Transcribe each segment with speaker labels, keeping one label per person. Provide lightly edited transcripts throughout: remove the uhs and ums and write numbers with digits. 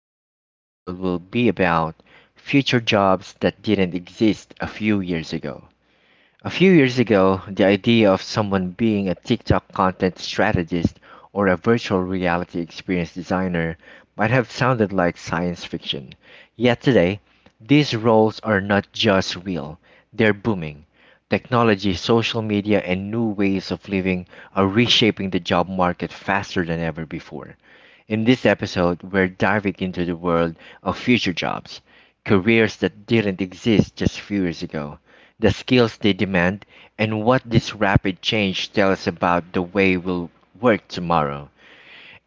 Speaker 1: Today's episode will be about future jobs that didn't exist a few years ago. A few years ago, the idea of someone being a TikTok content strategist or a virtual reality experience designer might have sounded like science fiction. Yet today, these roles are not just real, they're booming. Technology, social media, and new ways of living are reshaping the job market faster than ever before. In this episode, we're diving into the world of future jobs, careers that didn't exist just a few years ago, the skills they demand, and what this rapid change tells about the way we'll work tomorrow.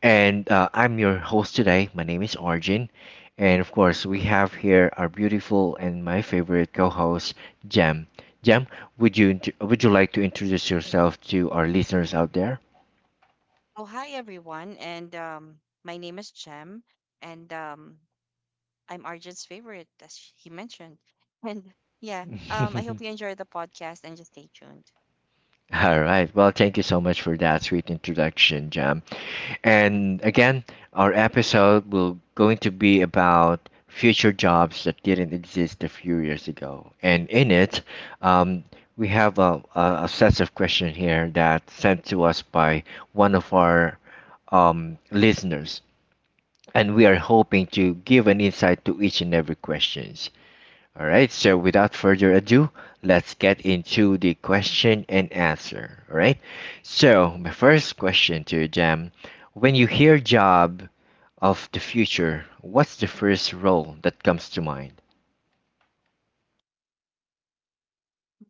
Speaker 1: And I'm your host today. My name is Arjun. And of course, we have here our beautiful and my favorite co host, Jem. Jem, would you, would you like to introduce yourself to our listeners out there?
Speaker 2: Oh, hi everyone, and my name is Jem, and I'm Arjun's favorite, as he mentioned. And yeah, I hope you enjoy the podcast and just stay tuned.
Speaker 1: All right. Well, thank you so much for that sweet introduction, Jam. And again, our episode will going to be about future jobs that didn't exist a few years ago. And in it, um, we have a set of questions here that sent to us by one of our listeners. And we are hoping to give an insight to each and every questions. All right, so without further ado, let's get into the question and answer. All right, so my first question to you, Jam, when you hear job of the future, what's the first role that comes to mind?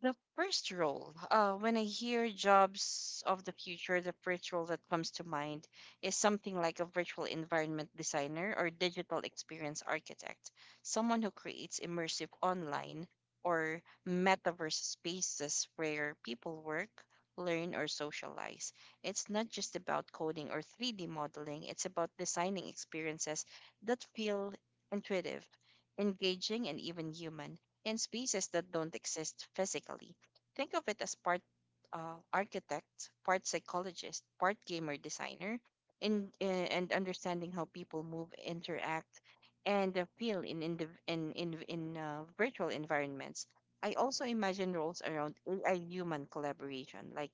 Speaker 2: The first role, when I hear jobs of the future, the first role that comes to mind is something like a virtual environment designer or digital experience architect, someone who creates immersive online or metaverse spaces where people work, learn, or socialize. It's not just about coding or 3D modeling, it's about designing experiences that feel intuitive, engaging, and even human, and spaces that don't exist physically. Think of it as part architect, part psychologist, part gamer designer, in, uh, and understanding how people move, interact, and feel in virtual environments. I also imagine roles around AI human collaboration, like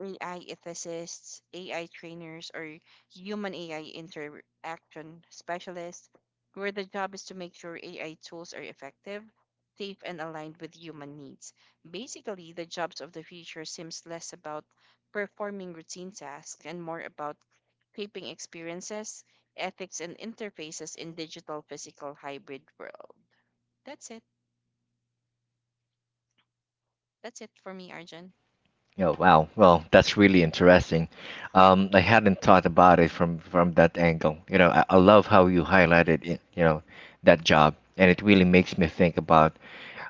Speaker 2: AI ethicists, AI trainers, or human AI interaction specialists, where the job is to make sure AI tools are effective, safe, and aligned with human needs. Basically, the jobs of the future seems less about performing routine tasks and more about shaping experiences, ethics, and interfaces in digital physical hybrid world. That's it. That's it for me, Arjun.
Speaker 1: Oh wow, well that's really interesting. I hadn't thought about it from that angle. You know, I love how you highlighted it, you know, that job, and it really makes me think about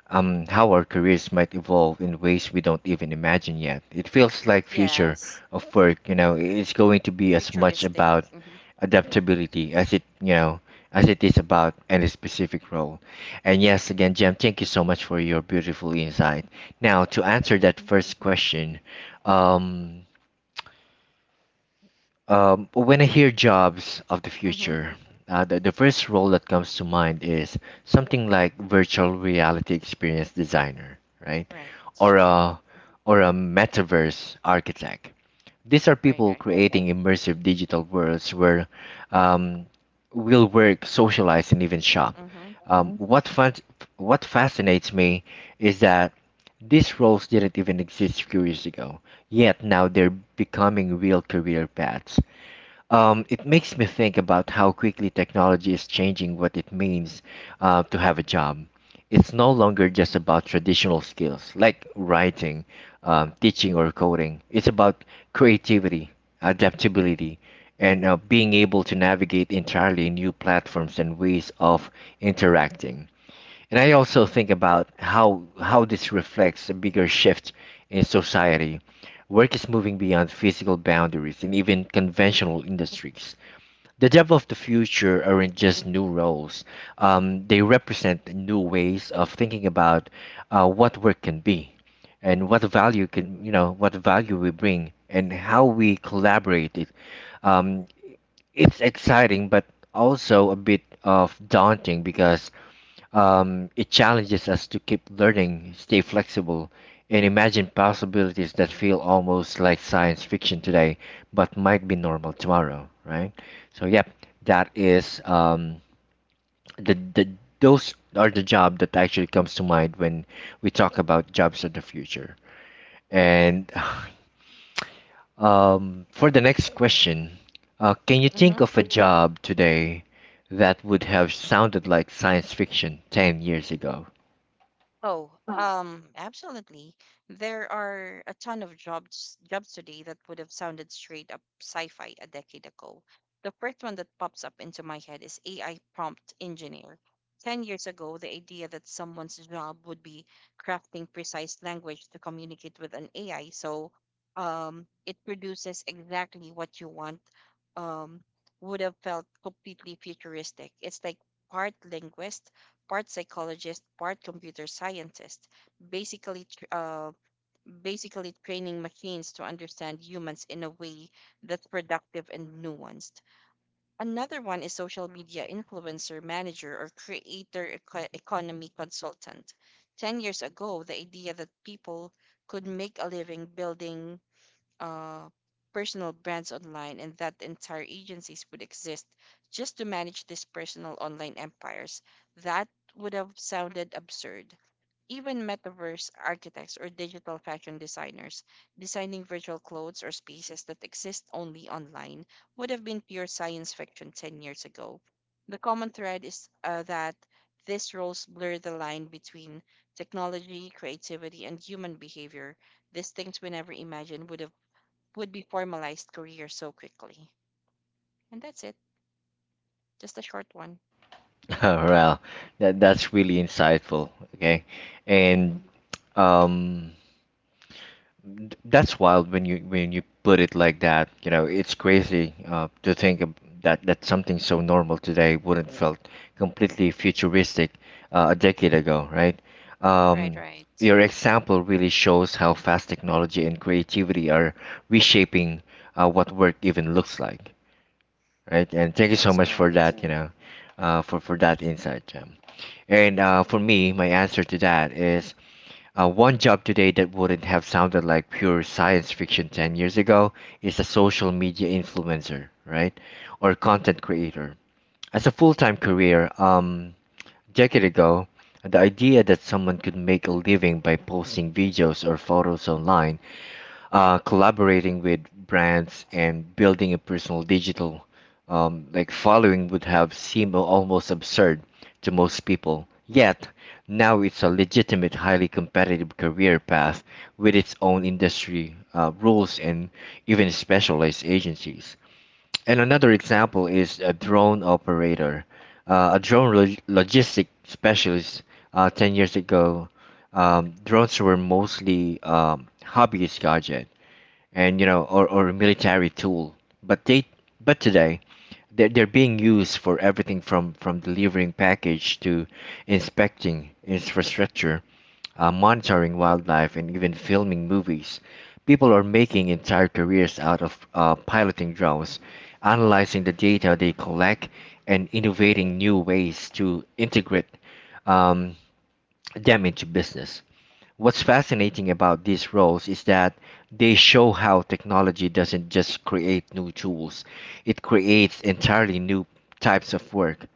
Speaker 1: how our careers might evolve in ways we don't even imagine yet. It feels like future
Speaker 2: Yes,
Speaker 1: of work, you know, it's going to be as much
Speaker 2: futuristic.
Speaker 1: about
Speaker 2: Hmm.
Speaker 1: adaptability as it, you know, as it is about any specific role. And yes, again, Jem, thank you so much for your beautiful insight. Now, to answer that first question, um, when I hear jobs of the
Speaker 2: Hmm. Hmm.
Speaker 1: future, the first role that comes to mind is something like virtual reality experience designer, right?
Speaker 2: Right.
Speaker 1: Or
Speaker 2: Mhm.
Speaker 1: a or a metaverse architect. These are
Speaker 2: Right,
Speaker 1: people
Speaker 2: right.
Speaker 1: creating immersive digital worlds where um, we'll work, socialize, and even shop.
Speaker 2: Mhm.
Speaker 1: Um, Mhm. what fun, what fascinates me is that these roles didn't even exist few years ago, yet now they're becoming real career paths. It makes me think about how quickly technology is changing what it means to have a job. It's no longer just about traditional skills like writing, teaching, or coding. It's about creativity, adaptability, and being able to navigate entirely new platforms and ways of interacting. And I also think about how this reflects a bigger shift in society. Work is moving beyond physical boundaries and even conventional industries. The job of the future aren't just new roles. They represent new ways of thinking about what work can be and what value can you know what value we bring and how we collaborate it. um, it's exciting but also a bit of daunting because it challenges us to keep learning, stay flexible, and imagine possibilities that feel almost like science fiction today, but might be normal tomorrow, right? So, yep, that is the those are the job that actually comes to mind when we talk about jobs of the future. And for the next question, can you think
Speaker 2: Mhm.
Speaker 1: of a job today that would have sounded like science fiction 10 years ago?
Speaker 2: Oh, absolutely. There are a ton of jobs today that would have sounded straight up sci-fi a decade ago. The first one that pops up into my head is AI prompt engineer. 10 years ago, the idea that someone's job would be crafting precise language to communicate with an AI, so it produces exactly what you want, um, would have felt completely futuristic. It's like part linguist, part psychologist, part computer scientist, basically tr- uh, basically training machines to understand humans in a way that's productive and nuanced. Another one is social media influencer manager or creator economy consultant. 10 years ago, the idea that people could make a living building uh, personal brands online and that entire agencies would exist just to manage these personal online empires. That would have sounded absurd. Even metaverse architects or digital fashion designers designing virtual clothes or spaces that exist only online would have been pure science fiction 10 years ago. The common thread is that these roles blur the line between technology, creativity, and human behavior. These things we never imagined would be formalized career so quickly. And that's it. Just a short one.
Speaker 1: Well, that that's really insightful. Okay, and
Speaker 2: Mhm.
Speaker 1: um, that's wild when you put it like that. You know, it's crazy to think of that that something so normal today wouldn't felt completely futuristic a decade ago, right?
Speaker 2: Right,
Speaker 1: Um,
Speaker 2: right.
Speaker 1: your example really shows how fast technology and creativity are reshaping what work even looks like, right? And thank you
Speaker 2: That
Speaker 1: so
Speaker 2: is
Speaker 1: much for
Speaker 2: correct.
Speaker 1: that, you know, for that insight, Jam. And For me, my answer to that is one job today that wouldn't have sounded like pure science fiction 10 years ago is a social media influencer, right? Or content creator. As a full-time career, decade ago, the idea that someone could make a living by posting videos or photos online collaborating with brands and building a personal digital like following would have seemed almost absurd to most people. Yet now it's a legitimate, highly competitive career path with its own industry rules and even specialized agencies. And another example is a drone operator, a drone logistic specialist. 10 years ago, drones were mostly hobbyist gadget and you know or a military tool but they but today they're being used for everything from delivering package to inspecting infrastructure, monitoring wildlife and even filming movies, people are making entire careers out of piloting drones, analyzing the data they collect, and innovating new ways to integrate um, them into business. What's fascinating about these roles is that they show how technology doesn't just create new tools, it creates entirely new types of work.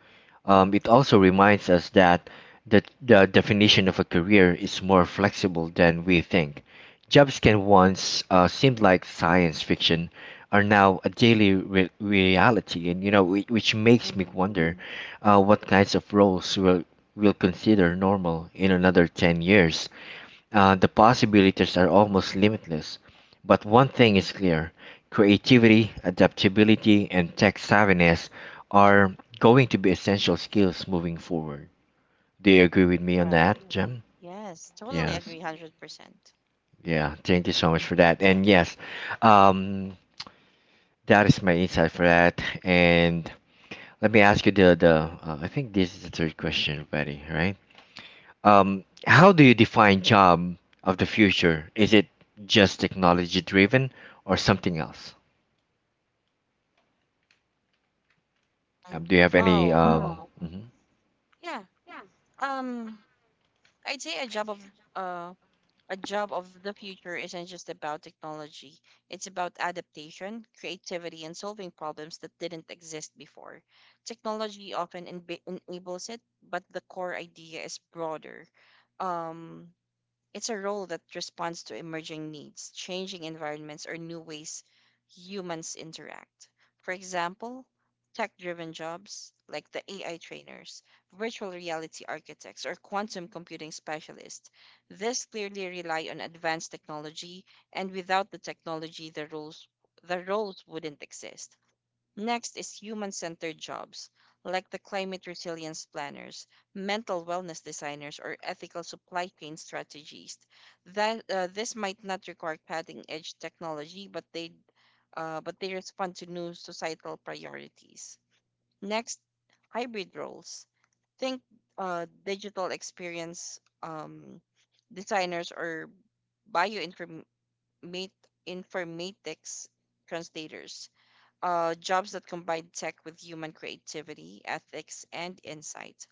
Speaker 1: It also reminds us that the definition of a career is more flexible than we think. Jobs can once seemed like science fiction are now a daily reality, and you know, which makes me
Speaker 2: Hmm.
Speaker 1: wonder what kinds of roles will consider normal in another 10 years. The possibilities are almost limitless. But one thing is clear, creativity, adaptability, and tech savviness are going to be essential skills moving forward. Do you agree with me on
Speaker 2: Right.
Speaker 1: that, Jem?
Speaker 2: Yes, totally
Speaker 1: Yes.
Speaker 2: agree, 100%.
Speaker 1: Yeah. Thank you so much for that. And yes, um, that is my insight for that. And let me ask you the the. I think this is the third question already, right? How do you define job of the future? Is it just technology driven or something else?
Speaker 2: Mm.
Speaker 1: Do you have any?
Speaker 2: Oh,
Speaker 1: Wow.
Speaker 2: yeah. Um, I'd say uh a job of the future isn't just about technology. It's about adaptation, creativity, and solving problems that didn't exist before. Technology often enables it, but the core idea is broader. Um, It's a role that responds to emerging needs, changing environments, or new ways humans interact. For example, tech driven jobs like the AI trainers, virtual reality architects, or quantum computing specialists. These clearly rely on advanced technology, and without the technology, the roles wouldn't exist. Next is human centered jobs, like the climate resilience planners, mental wellness designers, or ethical supply chain strategists. This might not require cutting edge technology, but they respond to new societal priorities. Next, hybrid roles. Think digital experience designers or bioinformatics translators, jobs that combine tech with human creativity, ethics, and insight.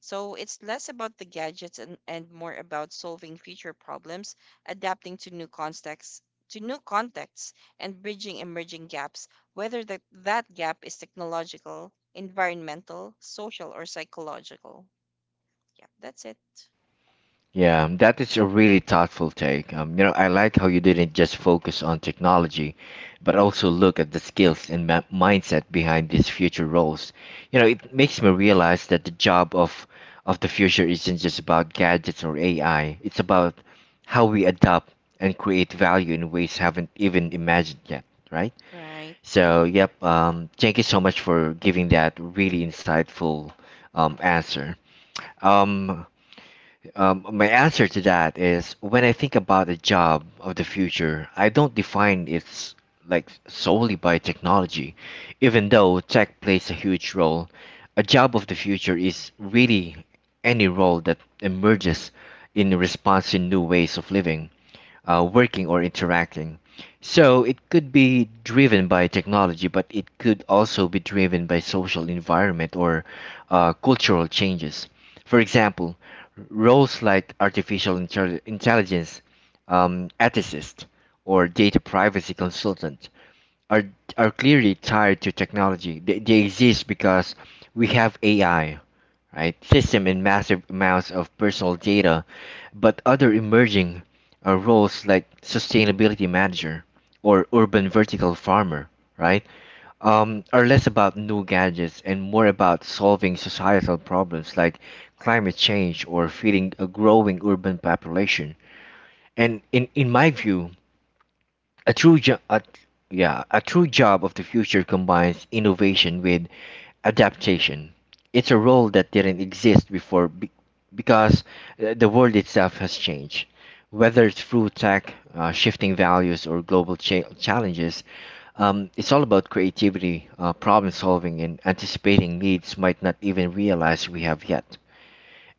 Speaker 2: So it's less about the gadgets, and more about solving future problems, adapting to new contexts and bridging emerging gaps, whether that gap is technological, environmental, social, or psychological. Yeah, that's it.
Speaker 1: Yeah, that is a really thoughtful take. You know, I like how you didn't just focus on technology, but also look at the skills and mindset behind these future roles. You know, it makes me realize that the job of the future isn't just about gadgets or AI. It's about how we adapt and create value in ways haven't even imagined yet, right?
Speaker 2: Right,
Speaker 1: So,
Speaker 2: right.
Speaker 1: yep. Thank you so much for giving that really insightful answer. Um, my answer to that is when I think about a job of the future, I don't define it like solely by technology, even though tech plays a huge role. A job of the future is really any role that emerges in response to new ways of living, working or interacting. So it could be driven by technology, but it could also be driven by social environment or cultural changes. For example, roles like artificial intelligence, ethicist, or data privacy consultant are are clearly tied to technology. They exist because we have AI, right? System and massive amounts of personal data, but other emerging roles like sustainability manager or urban vertical farmer, right, are less about new gadgets and more about solving societal problems like climate change or feeding a growing urban population. And in my view, a true job, yeah, a true job of the future combines innovation with adaptation. It's a role that didn't exist before because the world itself has changed. Whether it's through tech, shifting values, or global challenges, it's all about creativity, problem solving, and anticipating needs might not even realize we have yet.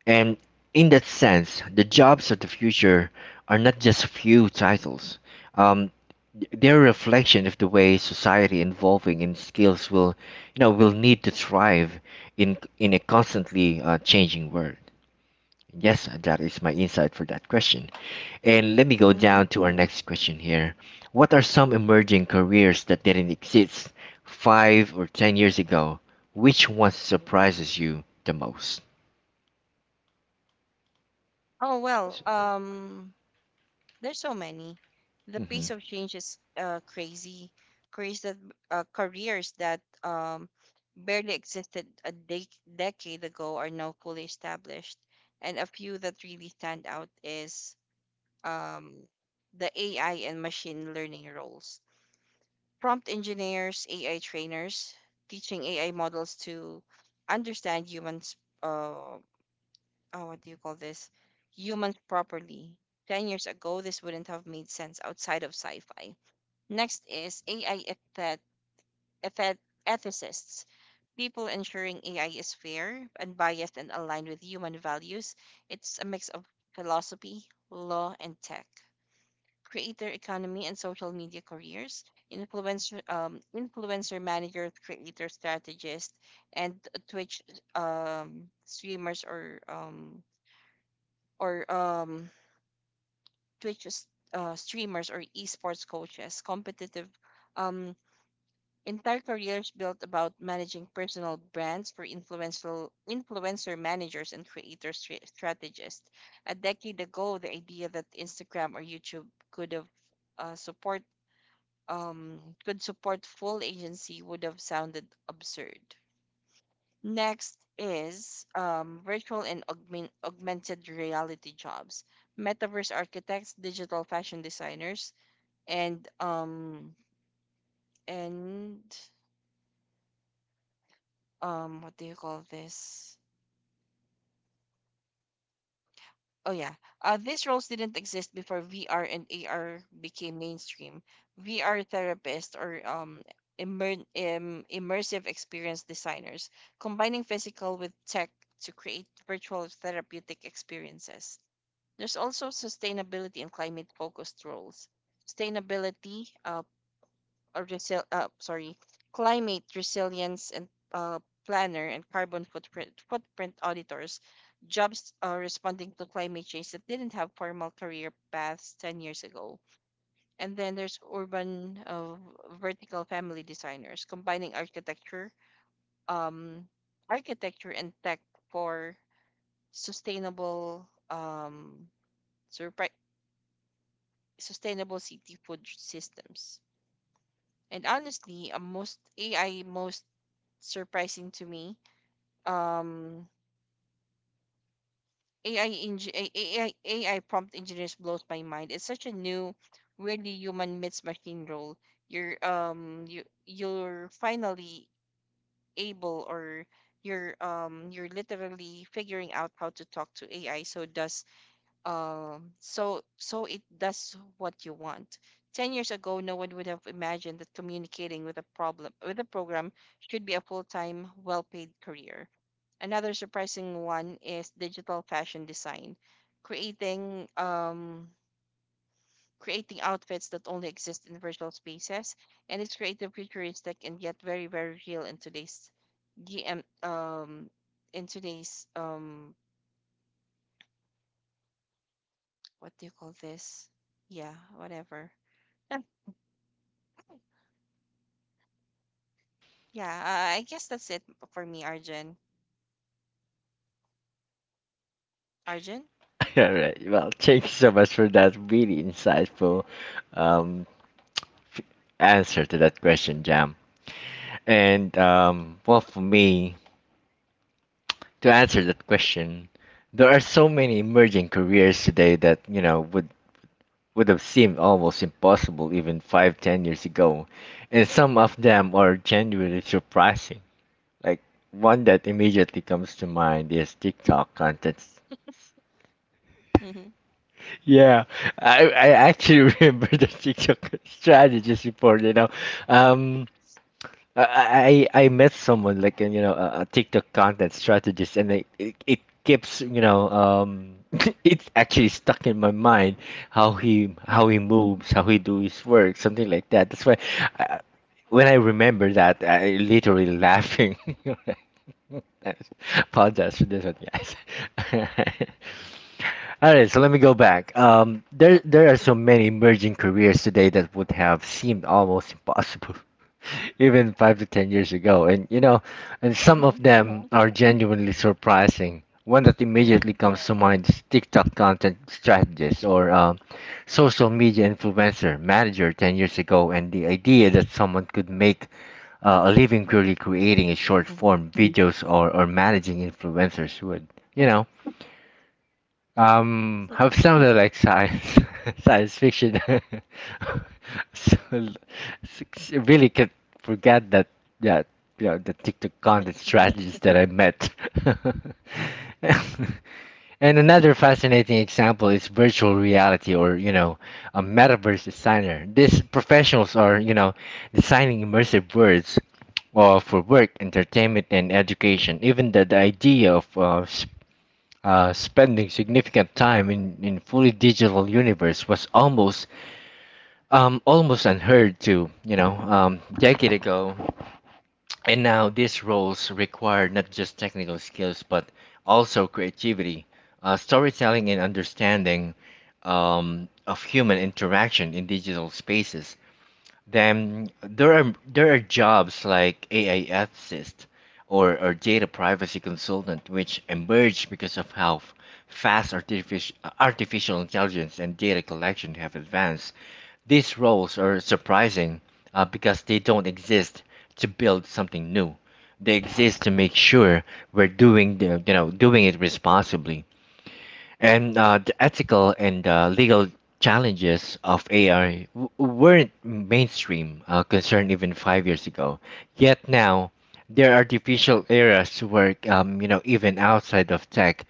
Speaker 1: And in that sense, the jobs of the future are not just few titles. Um, they're a reflection of the way society evolving in skills will, you know, will need to thrive in a constantly changing world. Yes, that is my insight for that question. And let me go
Speaker 2: Hmm.
Speaker 1: down to our next question here. What are some emerging careers that didn't exist 5 or 10 years ago? Which one surprises you the most?
Speaker 2: Oh well, there's so many. The pace
Speaker 1: Mm-hmm.
Speaker 2: of change is crazy. Careers that Careers that barely existed a decade ago are now fully established, and a few that really stand out is um, the AI and machine learning roles. Prompt engineers, AI trainers, teaching AI models to understand humans' uh, oh, what do you call this, humans properly. 10 years ago this wouldn't have made sense outside of sci-fi. Next is AI ethet- ethicists, people ensuring AI is fair, unbiased, and aligned with human values. It's a mix of philosophy, law, and tech. Creator economy and social media careers, influencer managers, creator strategists, and Twitch streamers, or um Twitch s- streamers or esports coaches, competitive, um, entire careers built about managing personal brands for influential influencer managers and creator strategists. A decade ago, the idea that Instagram or YouTube could have uh, support could support full agency would have sounded absurd. Next is virtual and augmented reality jobs. Metaverse architects, digital fashion designers, and um and what do you call this? Oh yeah, these roles didn't exist before VR and AR became mainstream. VR therapists or immersive experience designers combining physical with tech to create virtual therapeutic experiences. There's also sustainability and climate focused roles. sustainability uh, uh, resil- uh, sorry, Climate resilience and uh, planner and carbon footprint auditors, jobs responding to climate change that didn't have formal career paths 10 years ago. And then there's urban vertical family designers combining um, architecture and tech for sustainable um, surpri- sustainable city food systems. And honestly, most surprising to me. Um, AI, eng- AI, AI A I prompt engineers blows my mind. It's such a new, really human meets machine role. You're finally able, or you're literally figuring out how to talk to AI so it does what you want. 10 years ago, no one would have imagined that communicating with a problem with a program should be a full time, well paid career. Another surprising one is digital fashion design, creating um creating outfits that only exist in virtual spaces, and it's creative, futuristic, and yet very very real in today's GM um in today's um what do you call this? Yeah, whatever. Yeah, I guess that's it for me, Arjun. Arjun?
Speaker 1: All right. Well, thank you so much for that really insightful um, f- answer to that question, Jam. And well, for me to answer that question, there are so many emerging careers today that you know would have seemed almost impossible even five, 10 years ago, and some of them are genuinely surprising. Like one that immediately comes to mind is TikTok content.
Speaker 2: Mm-hmm.
Speaker 1: Yeah, I actually remember the TikTok strategist before. Um, I met someone like you know a TikTok content strategist, and it keeps it's actually stuck in my mind how he
Speaker 2: Mm-hmm.
Speaker 1: moves, how he do his work, something like that. That's why I, when I remember that, I literally laughing. Apologize for this one, guys. All right, so let me go back. There are so many emerging careers today that would have seemed almost impossible, even 5 to 10 years ago. And some of them are genuinely surprising. One that immediately
Speaker 2: Mm-hmm.
Speaker 1: comes to mind is TikTok content strategist or social media influencer manager 10 years ago, and the idea that someone could make a living purely creating a short form videos or managing influencers would, you know. I've sounded like science science fiction. So, really could forget that yeah, you know, the TikTok content strategies that I met. And another fascinating example is virtual reality or, you know, a metaverse designer. These professionals are, you know, designing immersive worlds for work, entertainment, and education. Even the idea of spending significant time in fully digital universe was almost almost unheard to decade ago, and now these roles require not just technical skills but also creativity, storytelling, and understanding of human interaction in digital spaces. Then there are jobs like AI ethicist or data privacy consultant, which emerged because of how fast artific- artificial intelligence and data collection have advanced. These roles are surprising because they don't exist to build something new. They exist to make sure we're doing the you know doing it responsibly. And the ethical and legal challenges of AI weren't mainstream concern even 5 years ago. Yet now, there are artificial areas where, you know, even outside of tech,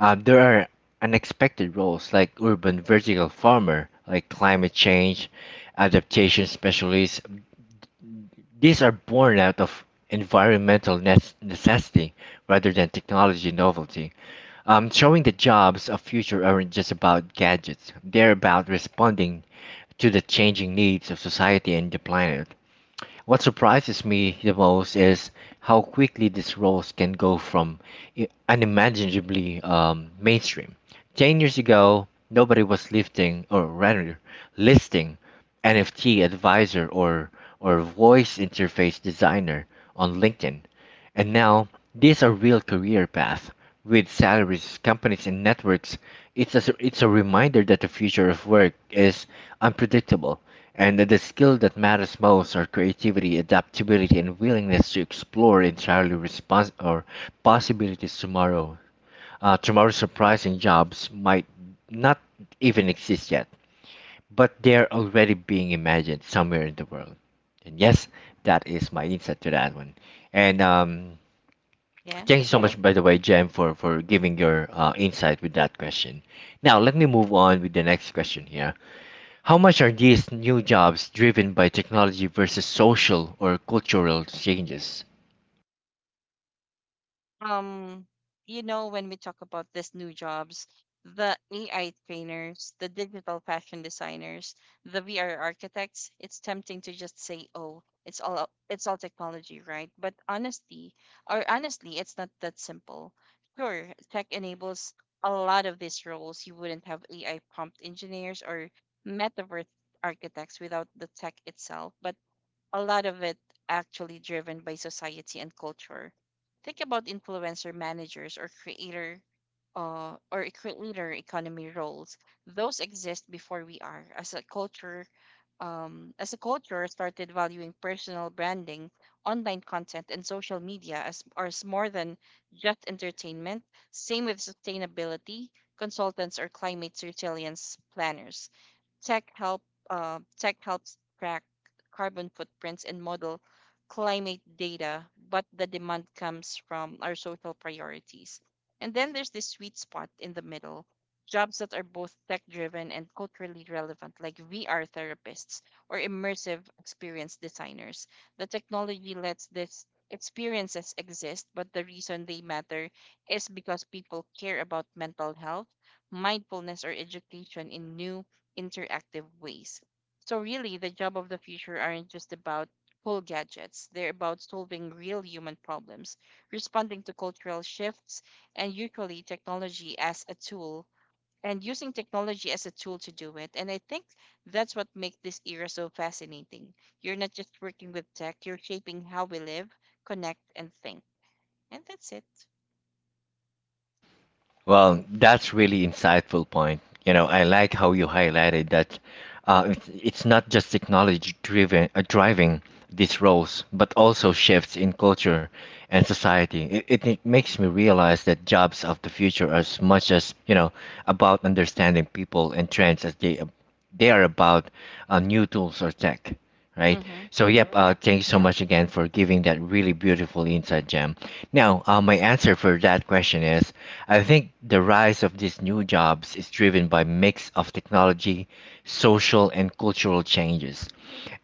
Speaker 1: there are unexpected roles like urban vertical farmer, like climate change adaptation specialists. These are born out of environmental necessity rather than technology novelty. Showing that jobs of future aren't just about gadgets; they're about responding to the changing needs of society and the planet. What surprises me the most is how quickly these roles can go from unimaginably mainstream. 10 years ago, nobody was lifting, or rather, listing NFT advisor or voice interface designer on LinkedIn. And now these are real career paths with salaries, companies, and networks. It's a reminder that the future of work is unpredictable, and that the skill that matters most are creativity, adaptability, and willingness to explore entirely respons- or possibilities tomorrow. Tomorrow's surprising jobs might not even exist yet, but they're already being imagined somewhere in the world. And yes, that is my insight to that one. And
Speaker 2: Yeah.
Speaker 1: Thank you so much, by the way, Jem, for, giving your insight with that question. Now, let me move on with the next question here. How much are these new jobs driven by technology versus social or cultural changes?
Speaker 2: um when we talk about these new jobs, the AI trainers, the digital fashion designers, the VR architects, it's tempting to just say, oh, it's all technology, right? But honestly, or honestly it's not that simple. Sure, tech enables a lot of these roles. You wouldn't have AI prompt engineers or metaverse architects without the tech itself, but a lot of it actually driven by society and culture. Think about influencer managers or creator economy roles. Those exist before we are as a culture. As a culture, started valuing personal branding, online content, and social media as more than just entertainment. Same with sustainability consultants or climate resilience planners. Tech help Tech helps track carbon footprints and model climate data, but the demand comes from our social priorities. And then there's this sweet spot in the middle, jobs that are both tech driven and culturally relevant, like VR therapists or immersive experience designers. The technology lets these experiences exist, but the reason they matter is because people care about mental health, mindfulness, or education in new interactive ways. So, really, the job of the future aren't just about cool gadgets, they're about solving real human problems, responding to cultural shifts, and usually technology as a tool. And using technology as a tool to do it. And I think that's what makes this era so fascinating. You're not just working with tech, you're shaping how we live, connect, and think. And that's it.
Speaker 1: Well, that's really insightful point. You know, I like how you highlighted that it's not just technology driven, driving these roles, but also shifts in culture and society. It makes me realize that jobs of the future are as much as you know about understanding people and trends as they are about new tools or tech, right?
Speaker 2: Mm-hmm.
Speaker 1: So, yep,
Speaker 2: Yep.
Speaker 1: thank you so much again for giving that really beautiful insight, Jam. Now, my answer for that question is I think the rise of these new jobs is driven by mix of technology, social, and cultural changes.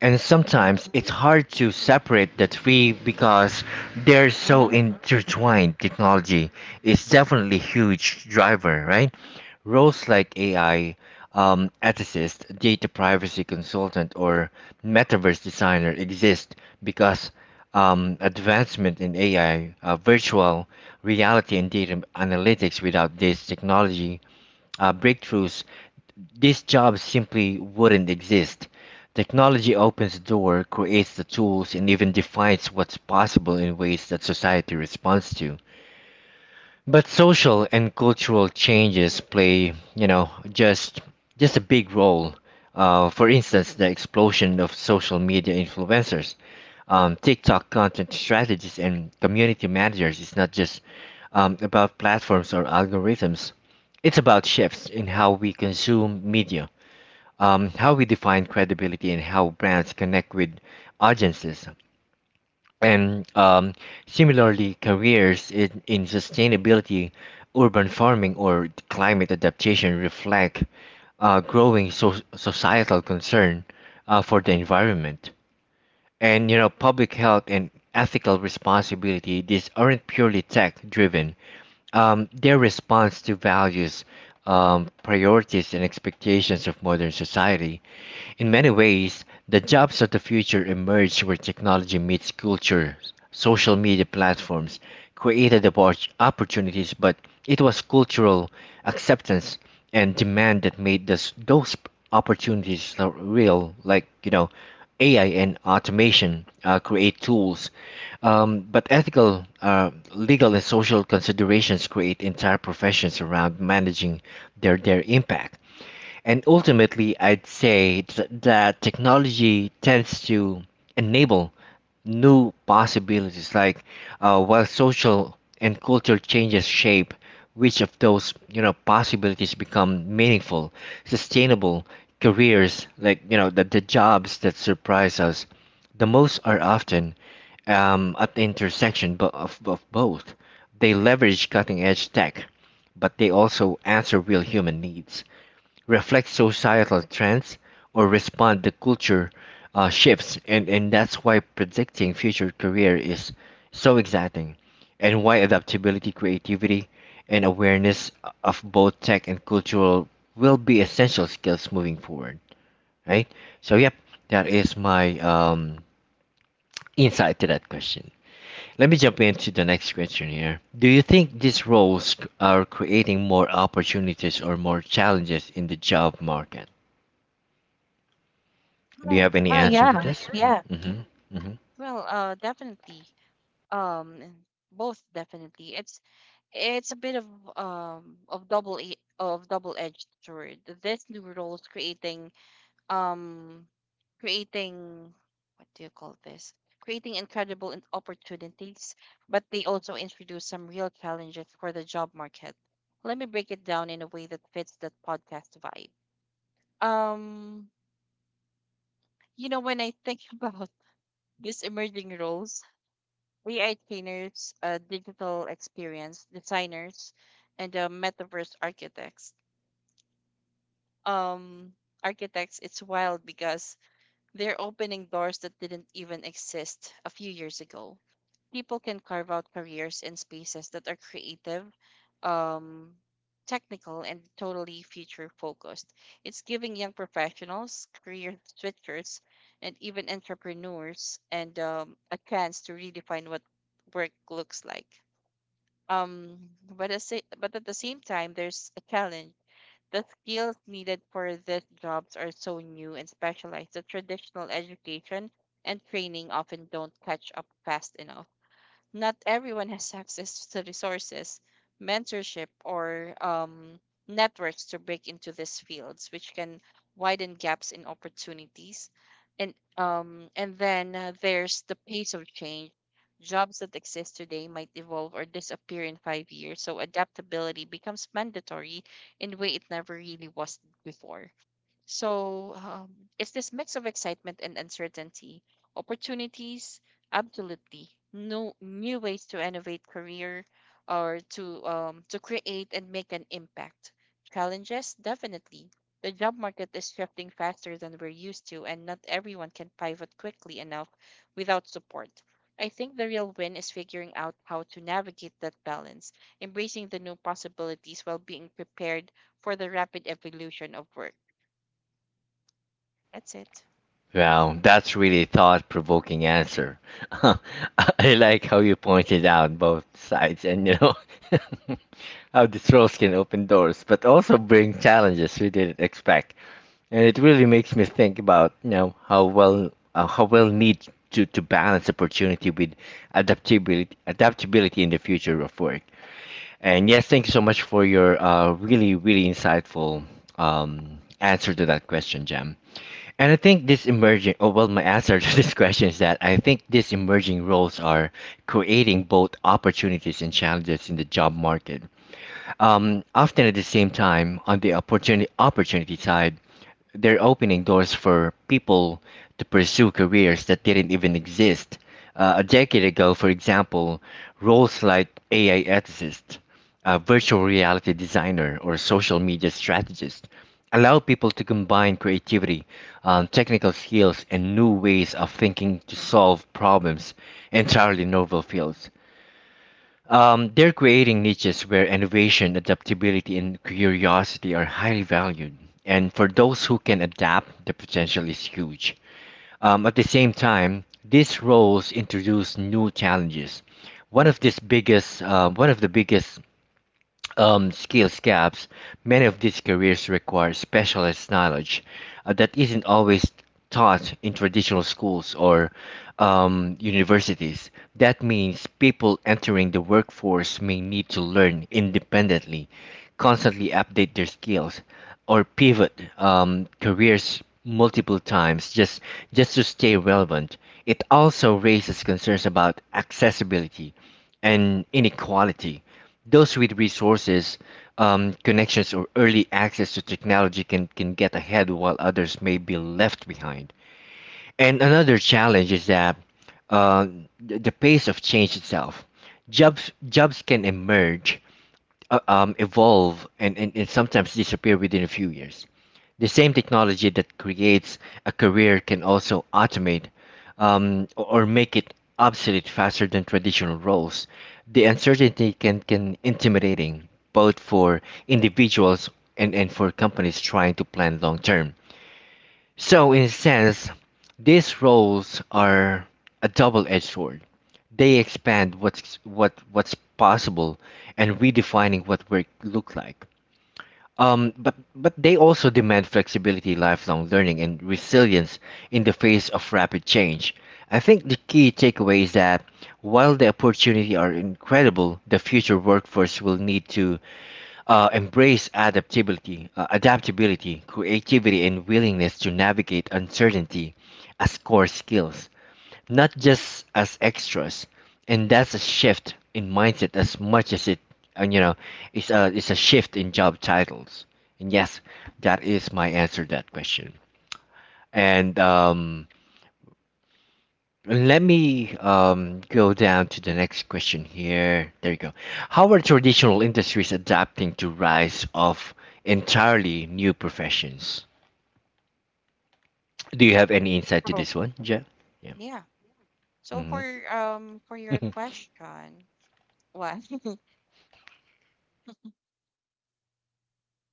Speaker 1: And
Speaker 2: Mm-hmm.
Speaker 1: sometimes it's hard to separate the three because they're so
Speaker 2: Mm-hmm.
Speaker 1: intertwined. Technology is definitely huge driver, right? Roles like AI ethicist, data privacy consultant, or metaverse designer exist because advancement in AI, virtual reality, and data analytics. Without these technology breakthroughs, these jobs simply wouldn't exist. Technology opens the door, creates the tools, and even defines what's possible in ways that society responds to. But social and cultural changes play, you know, just a big role. For instance, the explosion of social media influencers, TikTok content strategists, and community managers is not just about platforms or algorithms. It's about shifts in how we consume media, how we define credibility, and how brands connect with audiences. And Similarly, careers in sustainability, urban farming, or climate adaptation reflect growing societal concern for the environment. And you know, public health and ethical responsibility, these aren't purely tech driven. They're response to values, priorities, and expectations of modern society. In many ways, the jobs of the future emerge where technology meets culture. Social media platforms created opportunities, but it was cultural acceptance and demand that made this, those opportunities real. Like, you know, AI and automation create tools, but ethical, legal, and social considerations create entire professions around managing their impact. And ultimately, I'd say that technology tends to enable new possibilities, like, while social and cultural changes shape which of those you know possibilities become meaningful, sustainable careers, like you know the jobs that surprise us the most are often at the intersection of both. They leverage cutting edge tech, but they also answer real human needs, reflect societal trends, or respond to culture shifts. And that's why predicting future career is so exciting, and why adaptability, creativity, and awareness of both tech and cultural will be essential skills moving forward. Right? So, yep, that is my insight to that question. Let me jump into the next question here. Do you think these roles are creating more opportunities or more challenges in the job market? Do you
Speaker 2: Well,
Speaker 1: have any answer for
Speaker 2: yeah.
Speaker 1: this?
Speaker 2: Yeah.
Speaker 1: Mm-hmm.
Speaker 2: Well, definitely. Um, Both definitely. It's a bit of of double-edged sword. This new roles creating um creating what do you call this? Creating incredible opportunities, but they also introduce some real challenges for the job market. Let me break it down in a way that fits that podcast vibe. Um, when I think about these emerging roles, AI trainers, digital experience designers, and metaverse architects. Um, it's wild because they're opening doors that didn't even exist a few years ago. People can carve out careers in spaces that are creative, um, technical, and totally future focused. It's giving young professionals, career switchers, and even entrepreneurs and a chance to redefine what work looks like. But at the same time, there's a challenge. The skills needed for these jobs are so new and specialized that traditional education and training often don't catch up fast enough. Not everyone has access to resources, mentorship, or networks to break into these fields, which can widen gaps in opportunities. And then there's the pace of change. Jobs that exist today might evolve or disappear in 5 years, so adaptability becomes mandatory in a way it never really was before. So um, it's this mix of excitement and uncertainty, opportunities, absolutely no new ways to innovate career or to create and make an impact. Challenges, definitely. The job market is shifting faster than we're used to, and not everyone can pivot quickly enough without support. I think the real win is figuring out how to navigate that balance, embracing the new possibilities while being prepared for the rapid evolution of work. That's it.
Speaker 1: Wow, that's really a thought-provoking answer. I like how you pointed out both sides, and you know how these roles can open doors, but also bring challenges we didn't expect. And it really makes me think about you know how well need to balance opportunity with adaptability in the future of work. And yes, thank you so much for your really, really insightful answer to that question, Jam. And I think this emerging, oh, well, my answer to this question is that I think these emerging roles are creating both opportunities and challenges in the job market. Often at the same time, on the opportunity side, they're opening doors for people to pursue careers that didn't even exist. A decade ago, for example, roles like AI ethicist, a virtual reality designer, or social media strategist allow people to combine creativity, technical skills, and new ways of thinking to solve problems entirely novel fields. They're creating niches where innovation, adaptability, and curiosity are highly valued. And for those who can adapt, the potential is huge. At the same time, these roles introduce new challenges. One of the biggest skills gaps, many of these careers require specialist knowledge that isn't always taught in traditional schools or universities. That means people entering the workforce may need to learn independently, constantly update their skills, or pivot careers multiple times just to stay relevant. It also raises concerns about accessibility and inequality. Those with resources, connections, or early access to technology can get ahead while others may be left behind. And another challenge is that uh, the pace of change itself. Jobs can emerge, evolve, and sometimes disappear within a few years. The same technology that creates a career can also automate or make it obsolete faster than traditional roles. The uncertainty can intimidating both for individuals, and for companies trying to plan long term. So in a sense, these roles are a double-edged sword. They expand what's possible and redefining what work look like. But they also demand flexibility, lifelong learning, and resilience in the face of rapid change. I think the key takeaway is that while the opportunity are incredible, the future workforce will need to adaptability, creativity, and willingness to navigate uncertainty as core skills, not just as extras. And that's a shift in mindset as much as it, and you know, it's a shift in job titles. And yes, that is my answer to that question. And Let me go down to the next question here. There you go. How are traditional industries adapting to rise of entirely new professions? Do you have any insight to
Speaker 2: Oh,
Speaker 1: this one, Jeff? Yeah.
Speaker 2: yeah. So for
Speaker 1: Hmm.
Speaker 2: um for your question, well,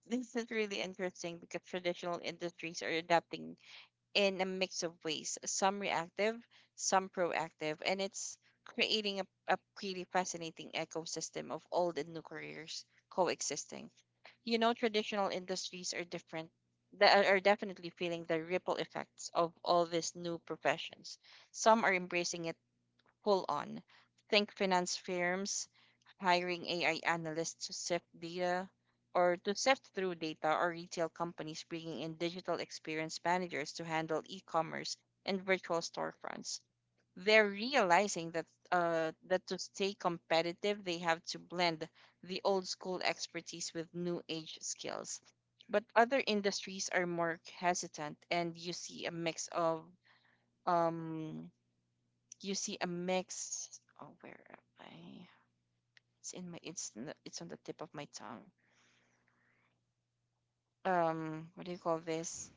Speaker 2: this is really interesting because traditional industries are adapting in a mix of ways, some reactive, some proactive, and it's creating a pretty fascinating ecosystem of old and new careers coexisting. You know, traditional industries are different. That are definitely feeling the ripple effects of all these new professions. Some are embracing it full on. Think finance firms hiring AI analysts to sift data, or to sift through data, or retail companies bringing in digital experience managers to handle e-commerce and virtual storefronts. They're realizing that to stay competitive, they have to blend the old school expertise with new age skills. But other industries are more hesitant, and you see a mix of um, you see a mix. Oh, where am I? It's in my. It's in the, it's on the tip of my tongue. What do you call this?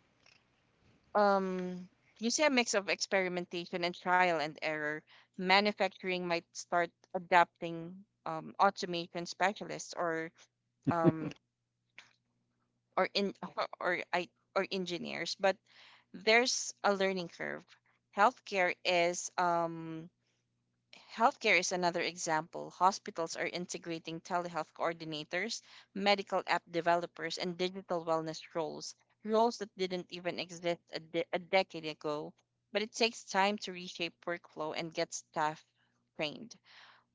Speaker 2: Um, you see a mix of experimentation and trial and error. Manufacturing might start adapting automation specialists um or in or I or engineers, but there's a learning curve. Healthcare is um Healthcare is another example. Hospitals are integrating telehealth coordinators, medical app developers, and digital wellness roles, that didn't even exist a decade ago. But it takes time to reshape workflow and get staff trained.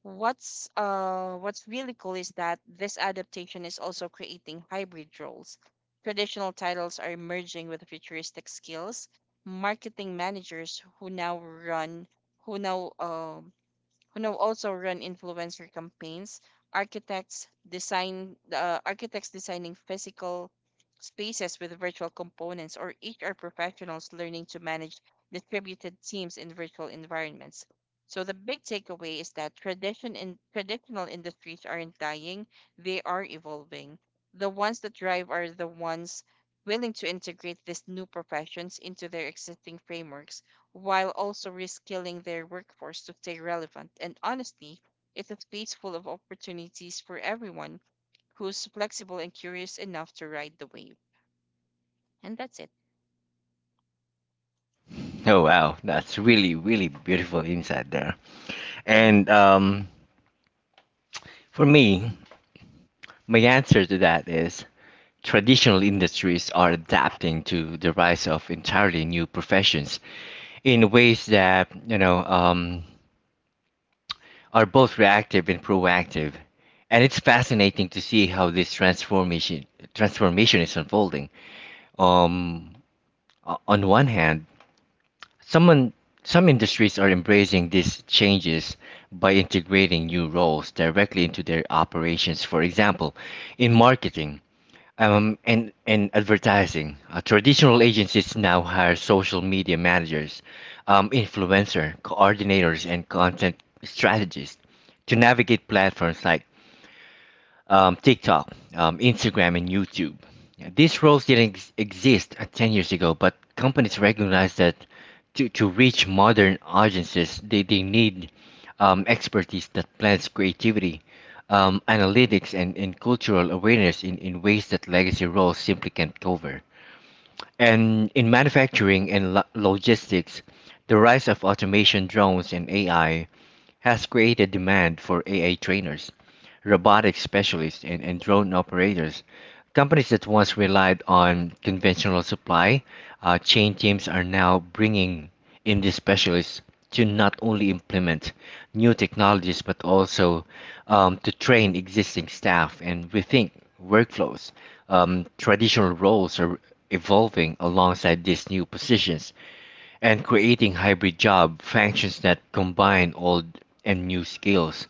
Speaker 2: What's really cool is that this adaptation is also creating hybrid roles. Traditional titles are merging with futuristic skills. Marketing managers who now um who now also run influencer campaigns, architects designing physical spaces with virtual components, or HR professionals learning to manage distributed teams in virtual environments. So the big takeaway is that traditional industries aren't dying; they are evolving. The ones that drive are the ones willing to integrate these new professions into their existing frameworks while also reskilling their workforce to stay relevant. And honestly, it is space full of opportunities for everyone who's flexible and curious enough to ride the wave. And that's it.
Speaker 1: Oh wow, that's really really beautiful insight there.
Speaker 2: Mm-hmm.
Speaker 1: And For me, my answer to that is traditional industries are adapting to the rise of entirely new professions in ways that are both reactive and proactive. And it's fascinating to see how this transformation is unfolding. Um, on one hand, Some, some industries are embracing these changes by integrating new roles directly into their operations. For example, in marketing, and advertising, traditional agencies now hire social media managers, influencer coordinators, and content strategists to navigate platforms like TikTok, Instagram, and YouTube. These roles didn't exist 10 years ago, but companies recognize that to reach modern audiences, they need expertise that blends creativity, analytics, and cultural awareness in ways that legacy roles simply can't cover. And in manufacturing and logistics, the rise of automation, drones, and AI has created demand for AI trainers, robotic specialists, and drone operators. Companies that once relied on conventional supply chain teams are now bringing in these specialists to not only implement new technologies but also, to train existing staff and rethink workflows. Traditional roles are evolving alongside these new positions and creating hybrid job functions that combine old and new skills.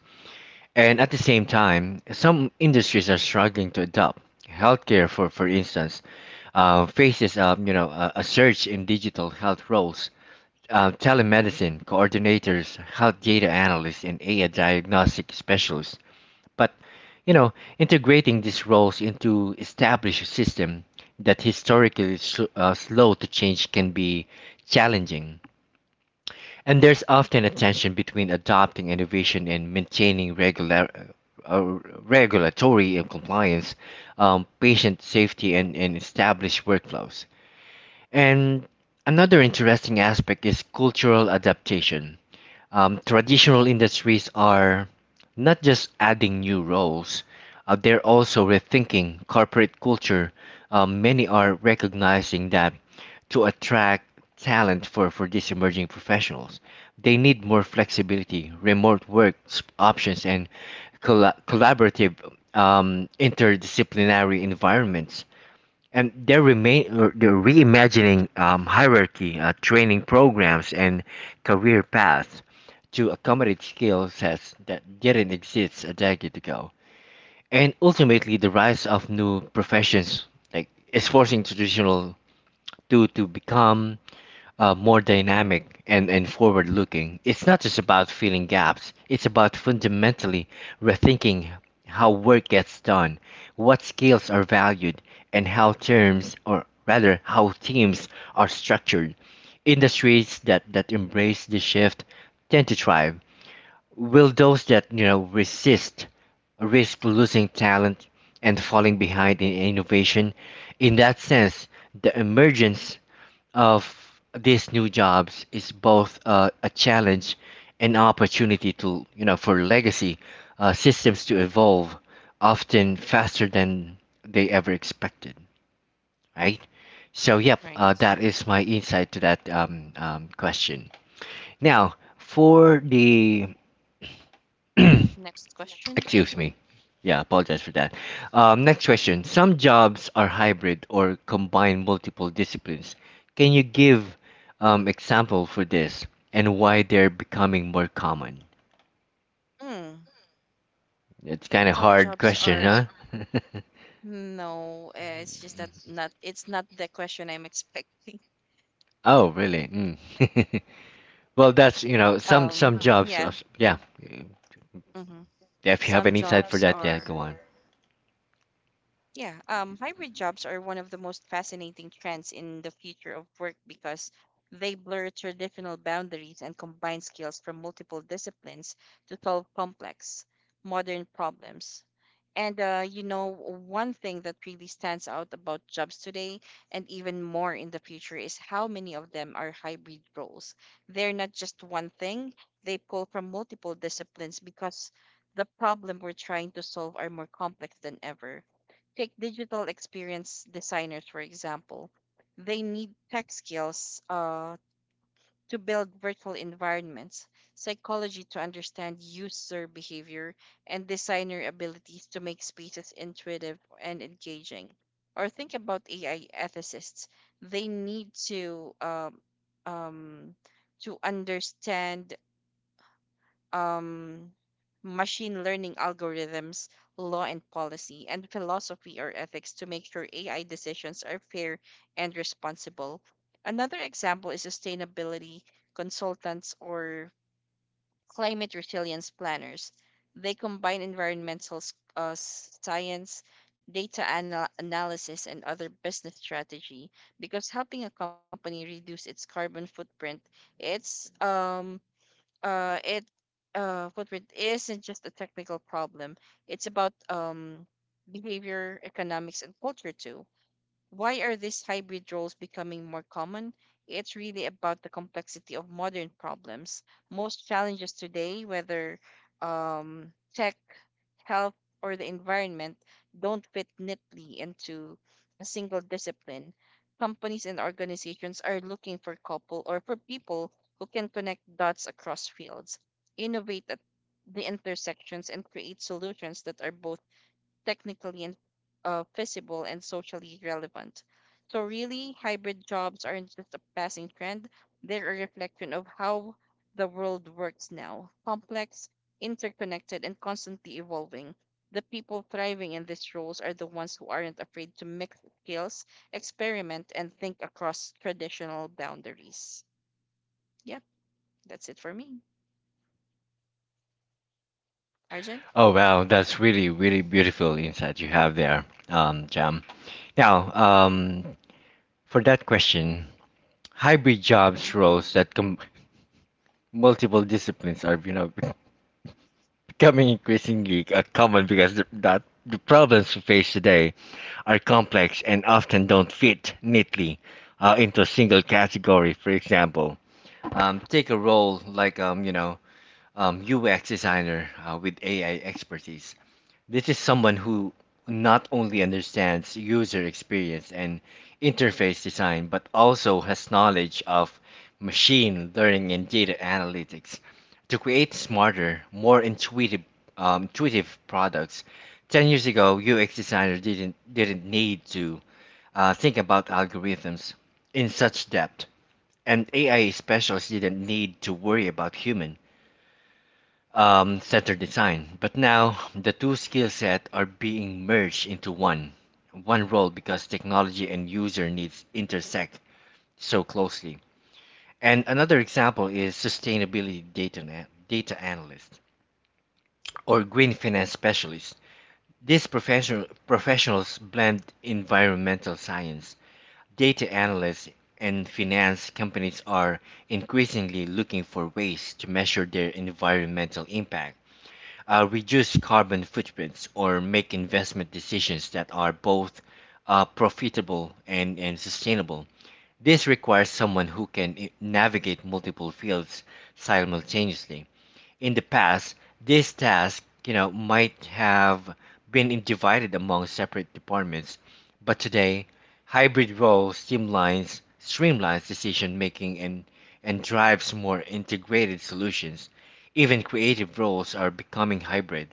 Speaker 1: And at the same time, some industries are struggling to adopt. Healthcare, for instance, faces, you know, a surge in digital health roles. Telemedicine coordinators, health data analysts, and AI diagnostic specialists. But you know, integrating these roles into established system that historically slow to change can be challenging. And there's often a tension between adopting innovation and maintaining uh, regulatory and compliance, patient safety, and established workflows. And another interesting aspect is cultural adaptation. Traditional industries are not just adding new roles, they're also rethinking corporate culture. Many are recognizing that to attract talent for these emerging professionals, they need more flexibility, remote work options, and collaborative, interdisciplinary environments. And they're remain they're reimagining, hierarchy, training programs, and career paths to accommodate skill sets that didn't exist a decade ago. And ultimately, the rise of new professions like is forcing traditional to become more dynamic and forward looking. It's not just about filling gaps, it's about fundamentally rethinking how work gets done, what skills are valued, and how teams are structured. Industries that, that embrace this shift tend to thrive. Will those that you know resist risk losing talent and falling behind in innovation. In that sense, the emergence of these new jobs is both a challenge and opportunity to you know for legacy systems to evolve often faster than they ever expected, right? So yep,
Speaker 2: Right.
Speaker 1: that is my insight to that question. Now for the
Speaker 2: Next question.
Speaker 1: Excuse me. Yeah, apologize for that. Next question. Some jobs are hybrid or combine multiple disciplines. Can you give example for this and why they're becoming more common?
Speaker 2: Mm,
Speaker 1: It's kind of
Speaker 2: some
Speaker 1: hard
Speaker 2: jobs
Speaker 1: question,
Speaker 2: are
Speaker 1: huh?
Speaker 2: no. It's just that not. It's not the question I'm expecting.
Speaker 1: Oh, really? Mm. Well, that's, you know, some
Speaker 2: Um.
Speaker 1: some jobs.
Speaker 2: Yeah.
Speaker 1: Yeah.
Speaker 2: Mm-hmm.
Speaker 1: If you have
Speaker 2: Some
Speaker 1: an insight for
Speaker 2: jobs
Speaker 1: that, yeah, go
Speaker 2: are
Speaker 1: on.
Speaker 2: Yeah, hybrid jobs are one of the most fascinating trends in the future of work because they blur traditional boundaries and combine skills from multiple disciplines to solve complex, modern problems. And You know, one thing that really stands out about jobs today, and even more in the future, is how many of them are hybrid roles. They're not just one thing, they pull from multiple disciplines because the problem we're trying to solve are more complex than ever. Take digital experience designers, for example. They need tech skills to build virtual environments, psychology to understand user behavior, and designer abilities to make spaces intuitive and engaging. Or think about AI ethicists. They need um, to understand um, machine learning algorithms, law and policy, and philosophy or ethics to make sure AI decisions are fair and responsible. Another example is sustainability consultants or climate resilience planners. They combine science, analysis, and other business strategy, because helping a company reduce its carbon footprint, it's it footprint isn't just a technical problem, it's about behavior economics and culture too. Why are these hybrid roles becoming more common? It's really about the complexity of modern problems. Most challenges today, whether tech, health, or the environment, don't fit neatly into a single discipline. Companies and organizations are looking for couple or for people who can connect dots across fields, innovate at the intersections, and create solutions that are both technically and feasible and socially relevant. So, really, hybrid jobs aren't just a passing trend, they're a reflection of how the world works now: complex, interconnected, and constantly evolving. The people thriving in these roles are the ones who aren't afraid to mix skills, experiment, and think across traditional boundaries. Yeah, that's it for me. Arjun?
Speaker 1: Oh, wow, that's really, really beautiful insight you have there, Jam. Now, for that question, hybrid
Speaker 2: Mm-hmm.
Speaker 1: jobs roles that multiple disciplines are you know becoming increasingly common because the problems we face today are complex and often don't fit neatly into a single category. For example, take a role like UX designer with AI expertise. This is someone who not only understands user experience and interface design, but also has knowledge of machine learning and data analytics to create smarter, more intuitive, intuitive products. 10 years ago, UX designers didn't need to think about algorithms in such depth, and AI specialists didn't need to worry about human, center design. But now the two skill sets are being merged into one role because technology and user needs intersect so closely. And another example is sustainability data analyst or green finance specialist. These professionals blend environmental science, data analysts, and finance. Companies are increasingly looking for ways to measure their environmental impact, reduce carbon footprints, or make investment decisions that are both profitable and sustainable. This requires someone who can navigate multiple fields simultaneously. In the past, this task, you know, might have been divided among separate departments, but today, hybrid roles streamlines decision making and drives more integrated solutions. Even creative roles are becoming hybrid.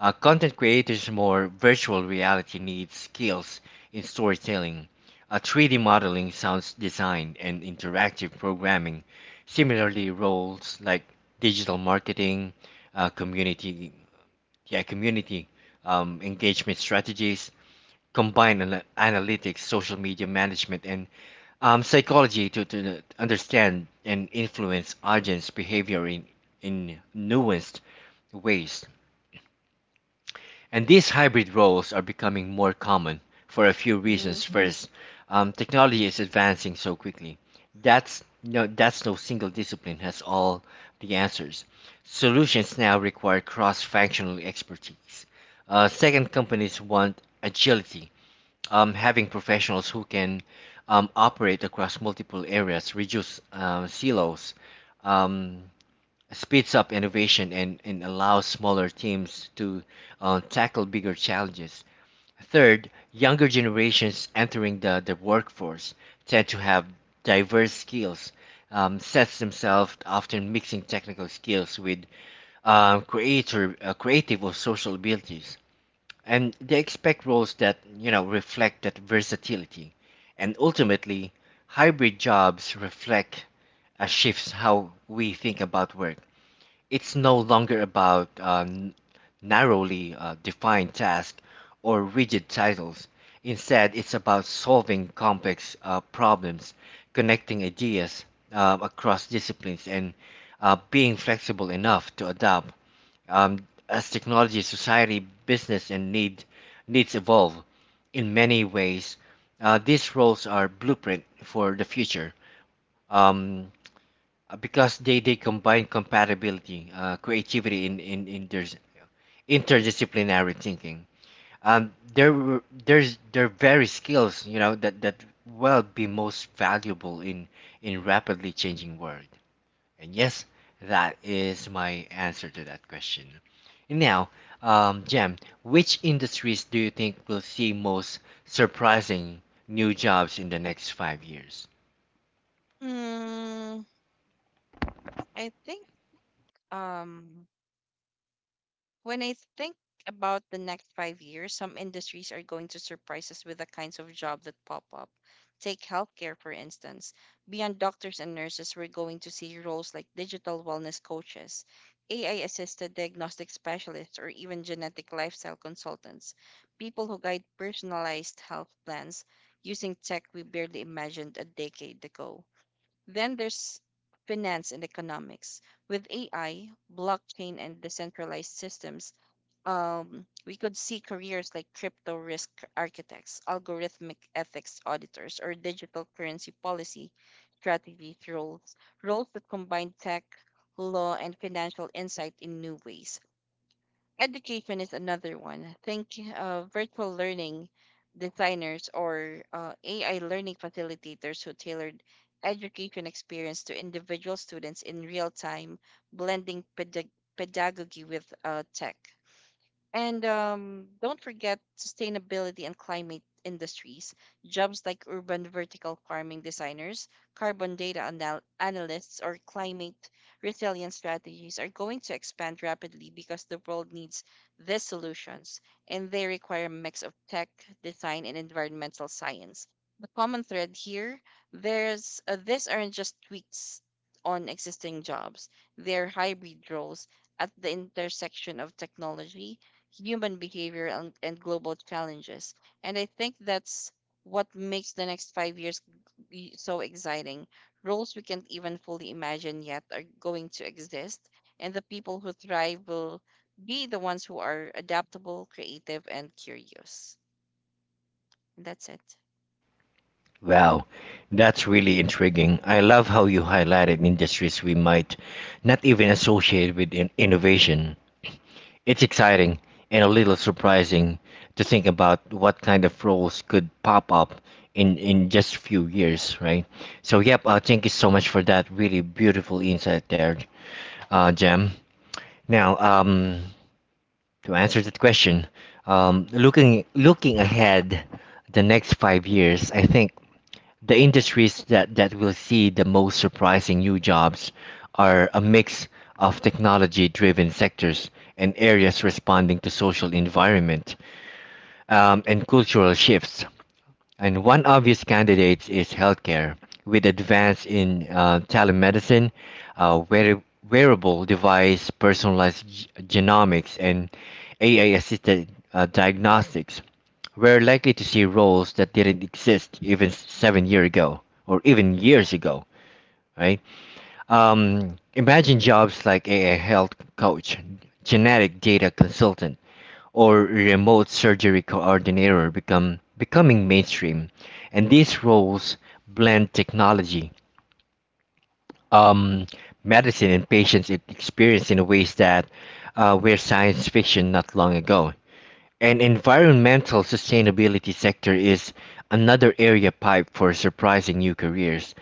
Speaker 1: Uh, content creators more virtual reality needs skills in storytelling, 3D modeling, sounds design, and interactive programming. Similarly, roles like digital marketing, uh, community, yeah, community, engagement strategies, combine analytics, social media management, and, psychology to understand and influence audience behavior in nuanced ways. And these hybrid roles are becoming more common for a few
Speaker 2: Mm-hmm.
Speaker 1: reasons. First, technology is advancing so quickly. That's no single discipline has all the answers. Solutions now require cross-functional expertise. Second, companies want agility. Having professionals who can, operate across multiple areas, reduce silos, um, speeds up innovation and allows smaller teams to tackle bigger challenges. Third, younger generations entering the workforce tend to have diverse skills, sets themselves often mixing technical skills with, creative or social abilities. And they expect roles that, you know, reflect that versatility. And ultimately, hybrid jobs reflect shifts how we think about work. It's no longer about, narrowly defined tasks or rigid titles. Instead, it's about solving complex problems, connecting ideas across disciplines, and being flexible enough to adapt as technology, society, business, and needs evolve. In many ways, these roles are blueprint for the future. Um, because they combine compatibility, creativity in their interdisciplinary thinking. Their w- there's Their very skills, you know, that that will be most valuable in rapidly changing world. And yes, that is my answer to that question. And now, Jem, which industries do you think will see most surprising new jobs in the next 5 years?
Speaker 2: Mm, I think um when I think about the next 5 years, some industries are going to surprise us with the kinds of jobs that pop up. Take healthcare, for instance. Beyond doctors and nurses, we're going to see roles like digital wellness coaches, AI assisted diagnostic specialists, or even genetic lifestyle consultants, people who guide personalized health plans using tech we barely imagined a decade ago. Then there's finance and economics. With AI, blockchain, and decentralized systems, we could see careers like crypto risk architects, algorithmic ethics auditors, or digital currency policy strategy roles, roles that combine tech, law, and financial insight in new ways. Education is another one. Think virtual learning designers or AI learning facilitators who tailored education experience to individual students in real time, blending pedagogy with tech. And Don't forget sustainability and climate industries, jobs like urban vertical farming designers, analysts, or climate resilience strategies are going to expand rapidly because the world needs these solutions, and they require a mix of tech, design, and environmental science. The common thread here, there's these aren't just tweaks on existing jobs; they're hybrid roles at the intersection of technology, human behavior, and global challenges. And I think that's what makes the next 5 years be so exciting. Roles we can't even fully imagine yet are going to exist, and the people who thrive will be the ones who are adaptable, creative, and curious. And that's it.
Speaker 1: Wow, that's really intriguing. I love how you highlighted industries we might not even associate with innovation. It's exciting and a little surprising to think about what kind of roles could pop up in just a few years, right? So, yep, thank you so much for that really beautiful insight there, Jem. Now, to answer that question, looking ahead the next 5 years, I think the industries that, that will see the most surprising new jobs are a mix of technology driven sectors and areas responding to social environment, and cultural shifts. And one obvious candidate is healthcare, with advance in, telemedicine, uh, wear- wearable device, personalized genomics, and AI assisted diagnostics. We're likely to see roles that didn't exist even 7 years ago or even years ago, right? Imagine jobs like a health coach, genetic data consultant, or remote surgery coordinator become becoming mainstream, and these roles blend technology, um, medicine, and patients' experience in ways that were science fiction not long ago. And environmental sustainability sector is another area pipe for surprising new careers.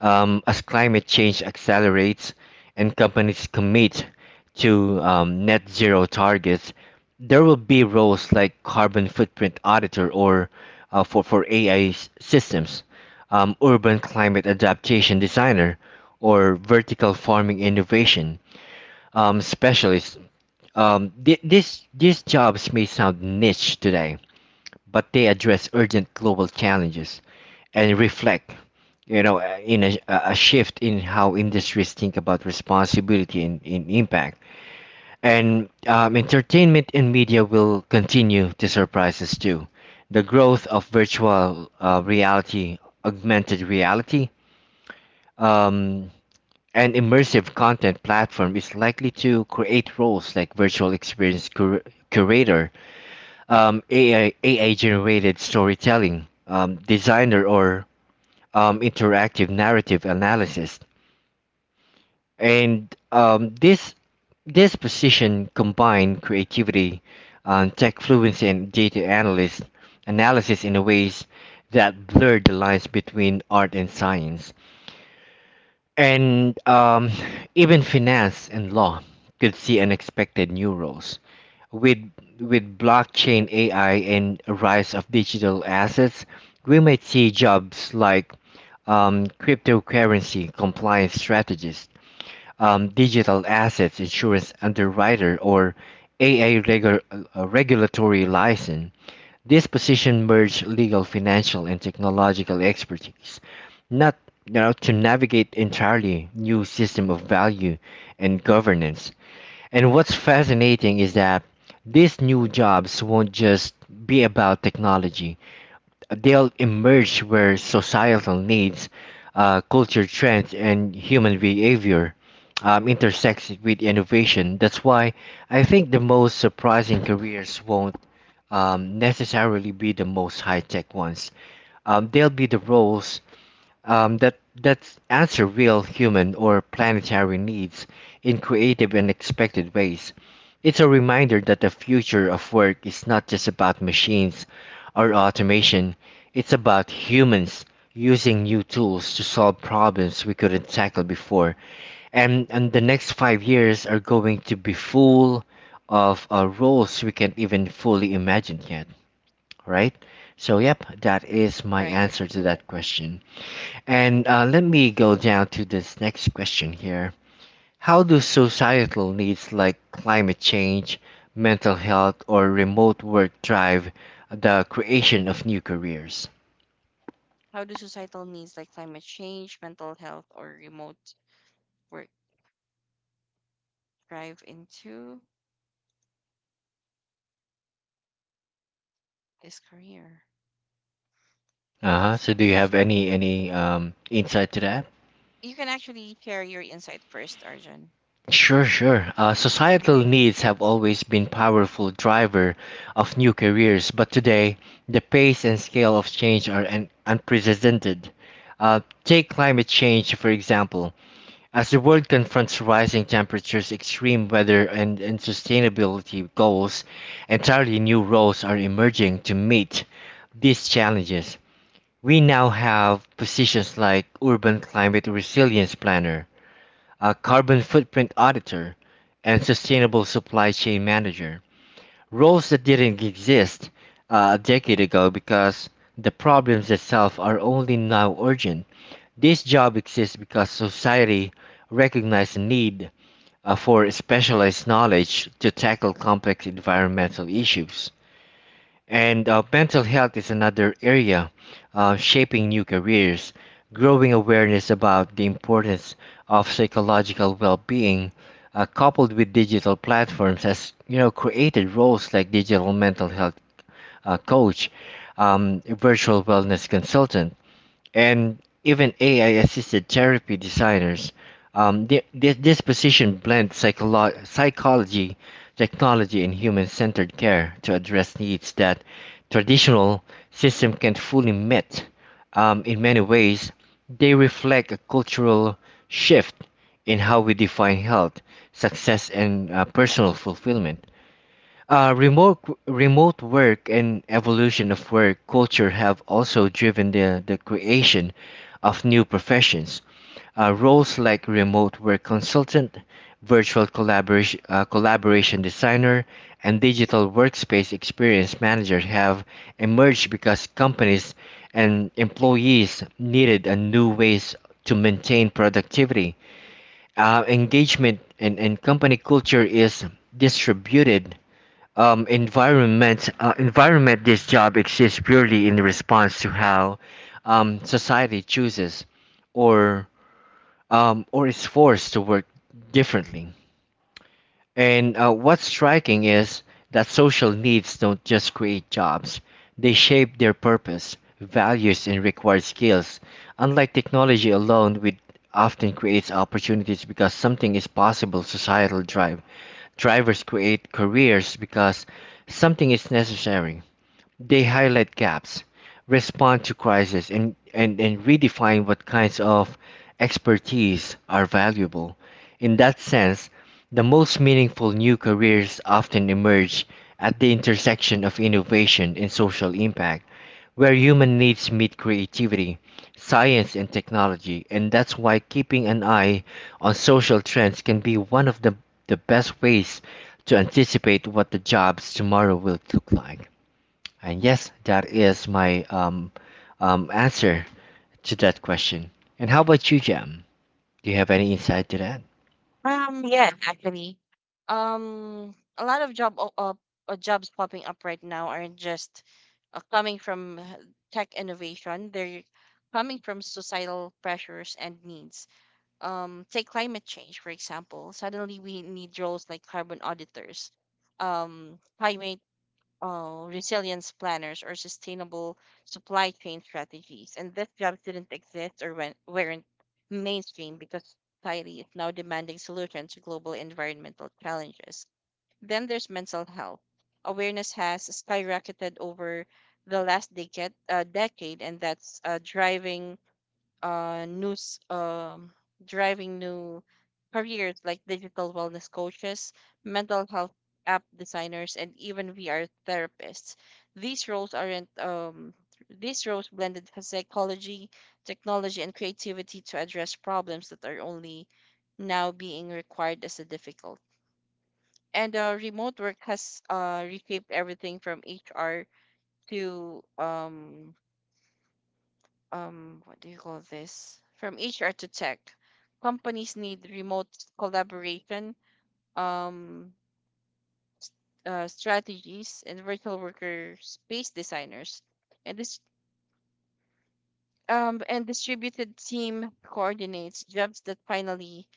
Speaker 1: As climate change accelerates and companies commit to, net zero targets, there will be roles like carbon footprint auditor or for AI systems, urban climate adaptation designer, or vertical farming innovation specialist. These jobs may sound niche today, but they address urgent global challenges and reflect, you know, a shift in how industries think about responsibility and impact. And entertainment and media will continue to surprise us too. The growth of virtual reality, augmented reality, um, and immersive content platform is likely to create roles like virtual experience curator, AI generated storytelling, designer or interactive narrative analysis, and this position combined creativity, tech fluency, and data analyst analysis in a ways that blurred the lines between art and science. And even finance and law could see unexpected new roles. With blockchain AI and a rise of digital assets, we might see jobs like, cryptocurrency compliance strategist, digital assets insurance underwriter, or AA regulatory license. This position merge legal, financial, and technological expertise, not you know, to navigate entirely new system of value and governance. And what's fascinating is that these new jobs won't just be about technology. They'll emerge where societal needs, culture trends, and human behavior intersects with innovation. That's why I think the most surprising careers won't necessarily be the most high-tech ones. They'll be the roles that that answer real human or planetary needs in creative and expected ways. It's a reminder that the future of work is not just about machines or automation. It's about humans using new tools to solve problems we couldn't tackle before. And the next 5 years are going to be full of roles we can't even fully imagine yet, right? So yep, that is my
Speaker 2: Right, right.
Speaker 1: answer to that question. And let me go down to this next question here. How do societal needs like climate change, mental health, or remote work drive the creation of new careers?
Speaker 2: How do societal needs like climate change, mental health, or remote work drive into this career?
Speaker 1: Uh-huh.
Speaker 2: Yes.
Speaker 1: So do you have any insight to that?
Speaker 2: You can actually share your insight first, Arjun.
Speaker 1: Sure, sure. Societal
Speaker 2: Mhm.
Speaker 1: needs have always been powerful driver of new careers, but today the pace and scale of change are unprecedented. Take climate change for example. As the world confronts rising temperatures, extreme weather, and sustainability goals, entirely new roles are emerging to meet these challenges. We now have positions like urban climate resilience planner, a carbon footprint auditor, and sustainable supply chain manager. Roles that didn't exist a decade ago because the problems itself are only now urgent. This job exists because society recognized the need for specialized knowledge to tackle complex environmental issues. And mental health is another area shaping new careers. Growing awareness about the importance of psychological well-being, coupled with digital platforms, has created roles like digital mental health coach, virtual wellness consultant, and even AI-assisted therapy designers. This position blends psychology, technology, and human-centered care to address needs that traditional system can't fully meet. In many ways, they reflect a cultural shift in how we define health, success, and personal fulfillment. Uh, remote Remote work and evolution of work culture have also driven the creation of new professions. Roles like remote work consultant, virtual collaboration, collaboration designer, and digital workspace experience manager have emerged because companies and employees needed a new ways to maintain productivity. Engagement and company culture is distributed environment environment this job exists purely in response to how society chooses or or is forced to work differently. And what's striking is that social needs don't just create jobs; they shape their purpose, values, and required skills. Unlike technology alone, which often creates opportunities because something is possible, societal drive Drivers create careers because something is necessary. They highlight gaps, respond to crisis, and redefine what kinds of expertise are valuable. In that sense, the most meaningful new careers often emerge at the intersection of innovation and social impact where human needs meet creativity, science, and technology. And that's why keeping an eye on social trends can be one of the best ways to anticipate what the jobs tomorrow will look like. And yes, that is my answer to that question. And how about you, Jam? Do you have any insight to that?
Speaker 2: Yes, actually, a lot of jobs popping up right now aren't just coming from tech innovation. They're coming from societal pressures and needs. Take climate change, for example. Suddenly, we need roles like carbon auditors, climate resilience planners or sustainable supply chain strategies. And these jobs didn't exist or weren't mainstream because society is now demanding solutions to global environmental challenges. Then there's mental health. Awareness has skyrocketed over the decade, and that's driving news driving new careers like digital wellness coaches, mental health app designers, and even VR therapists. These roles aren't These roles blended psychology, technology, and creativity to address problems that are only now being required as a difficult. And Remote work has reshaped everything from HR to what do you call this from HR to tech. Companies need remote collaboration um strategies and virtual worker space designers, and this and distributed team coordinates jobs that finally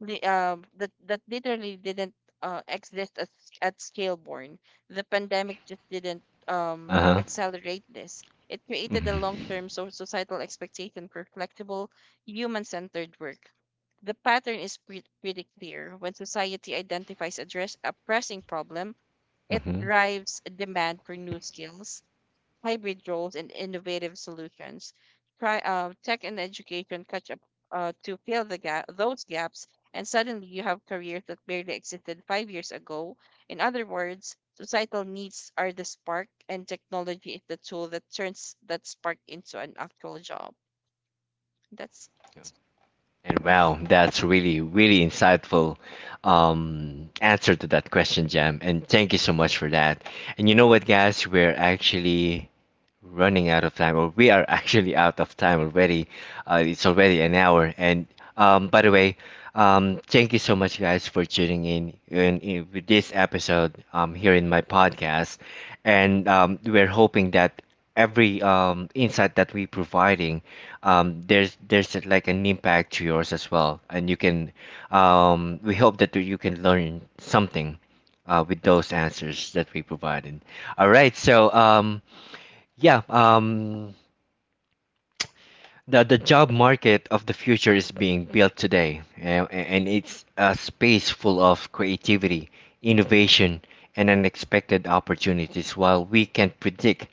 Speaker 2: li- um that that literally didn't exist at, at scaleborn. The pandemic just didn't
Speaker 1: Uh huh.
Speaker 2: accelerate this, it created
Speaker 1: Hmm
Speaker 2: a long-term societal expectation for flexible, human-centered work. The pattern is pretty clear: when society identifies a, a pressing problem, it
Speaker 1: hmm.
Speaker 2: drives a demand for new skills, hybrid roles, and innovative solutions. Try Tech and education catch up to fill the gap, those gaps, and suddenly you have careers that barely existed 5 years ago. In other words, societal needs are the spark, and technology is the tool that turns that spark into an actual job. That's
Speaker 1: And wow, that's really, really insightful answer to that question, Jam. And thank you so much for that. And you know what, guys? We're actually running out of time, or we are actually out of time already. It's already an hour. And by the way, thank you so much, guys, for tuning in with this episode here in my podcast. And we're hoping that every insight that we providing there's like an impact to yours as well, and you can we hope that you can learn something with those answers that we provided. All right, so yeah, the job market of the future is being built today, and it's a space full of creativity, innovation, and unexpected opportunities. While we can predict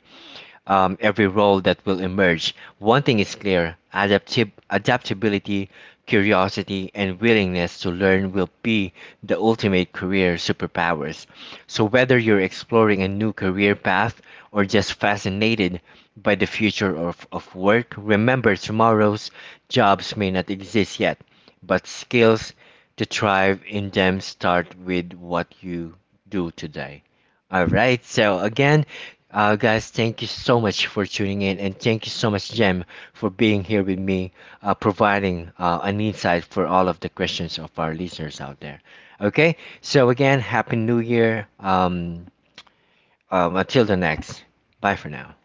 Speaker 1: every role that will emerge, one thing is clear: adaptability, curiosity, and willingness to learn will be the ultimate career superpowers. So, whether you're exploring a new career path or just fascinated by the future of work, remember tomorrow's jobs may not exist yet, but skills to thrive in them start with what you do today. All right. So again, guys, thank you so much for tuning in, and thank you so much, Jem, for being here with me, providing an insight for all of the questions of our listeners out there. Okay. So again, happy New Year. Until the next. Bye for now.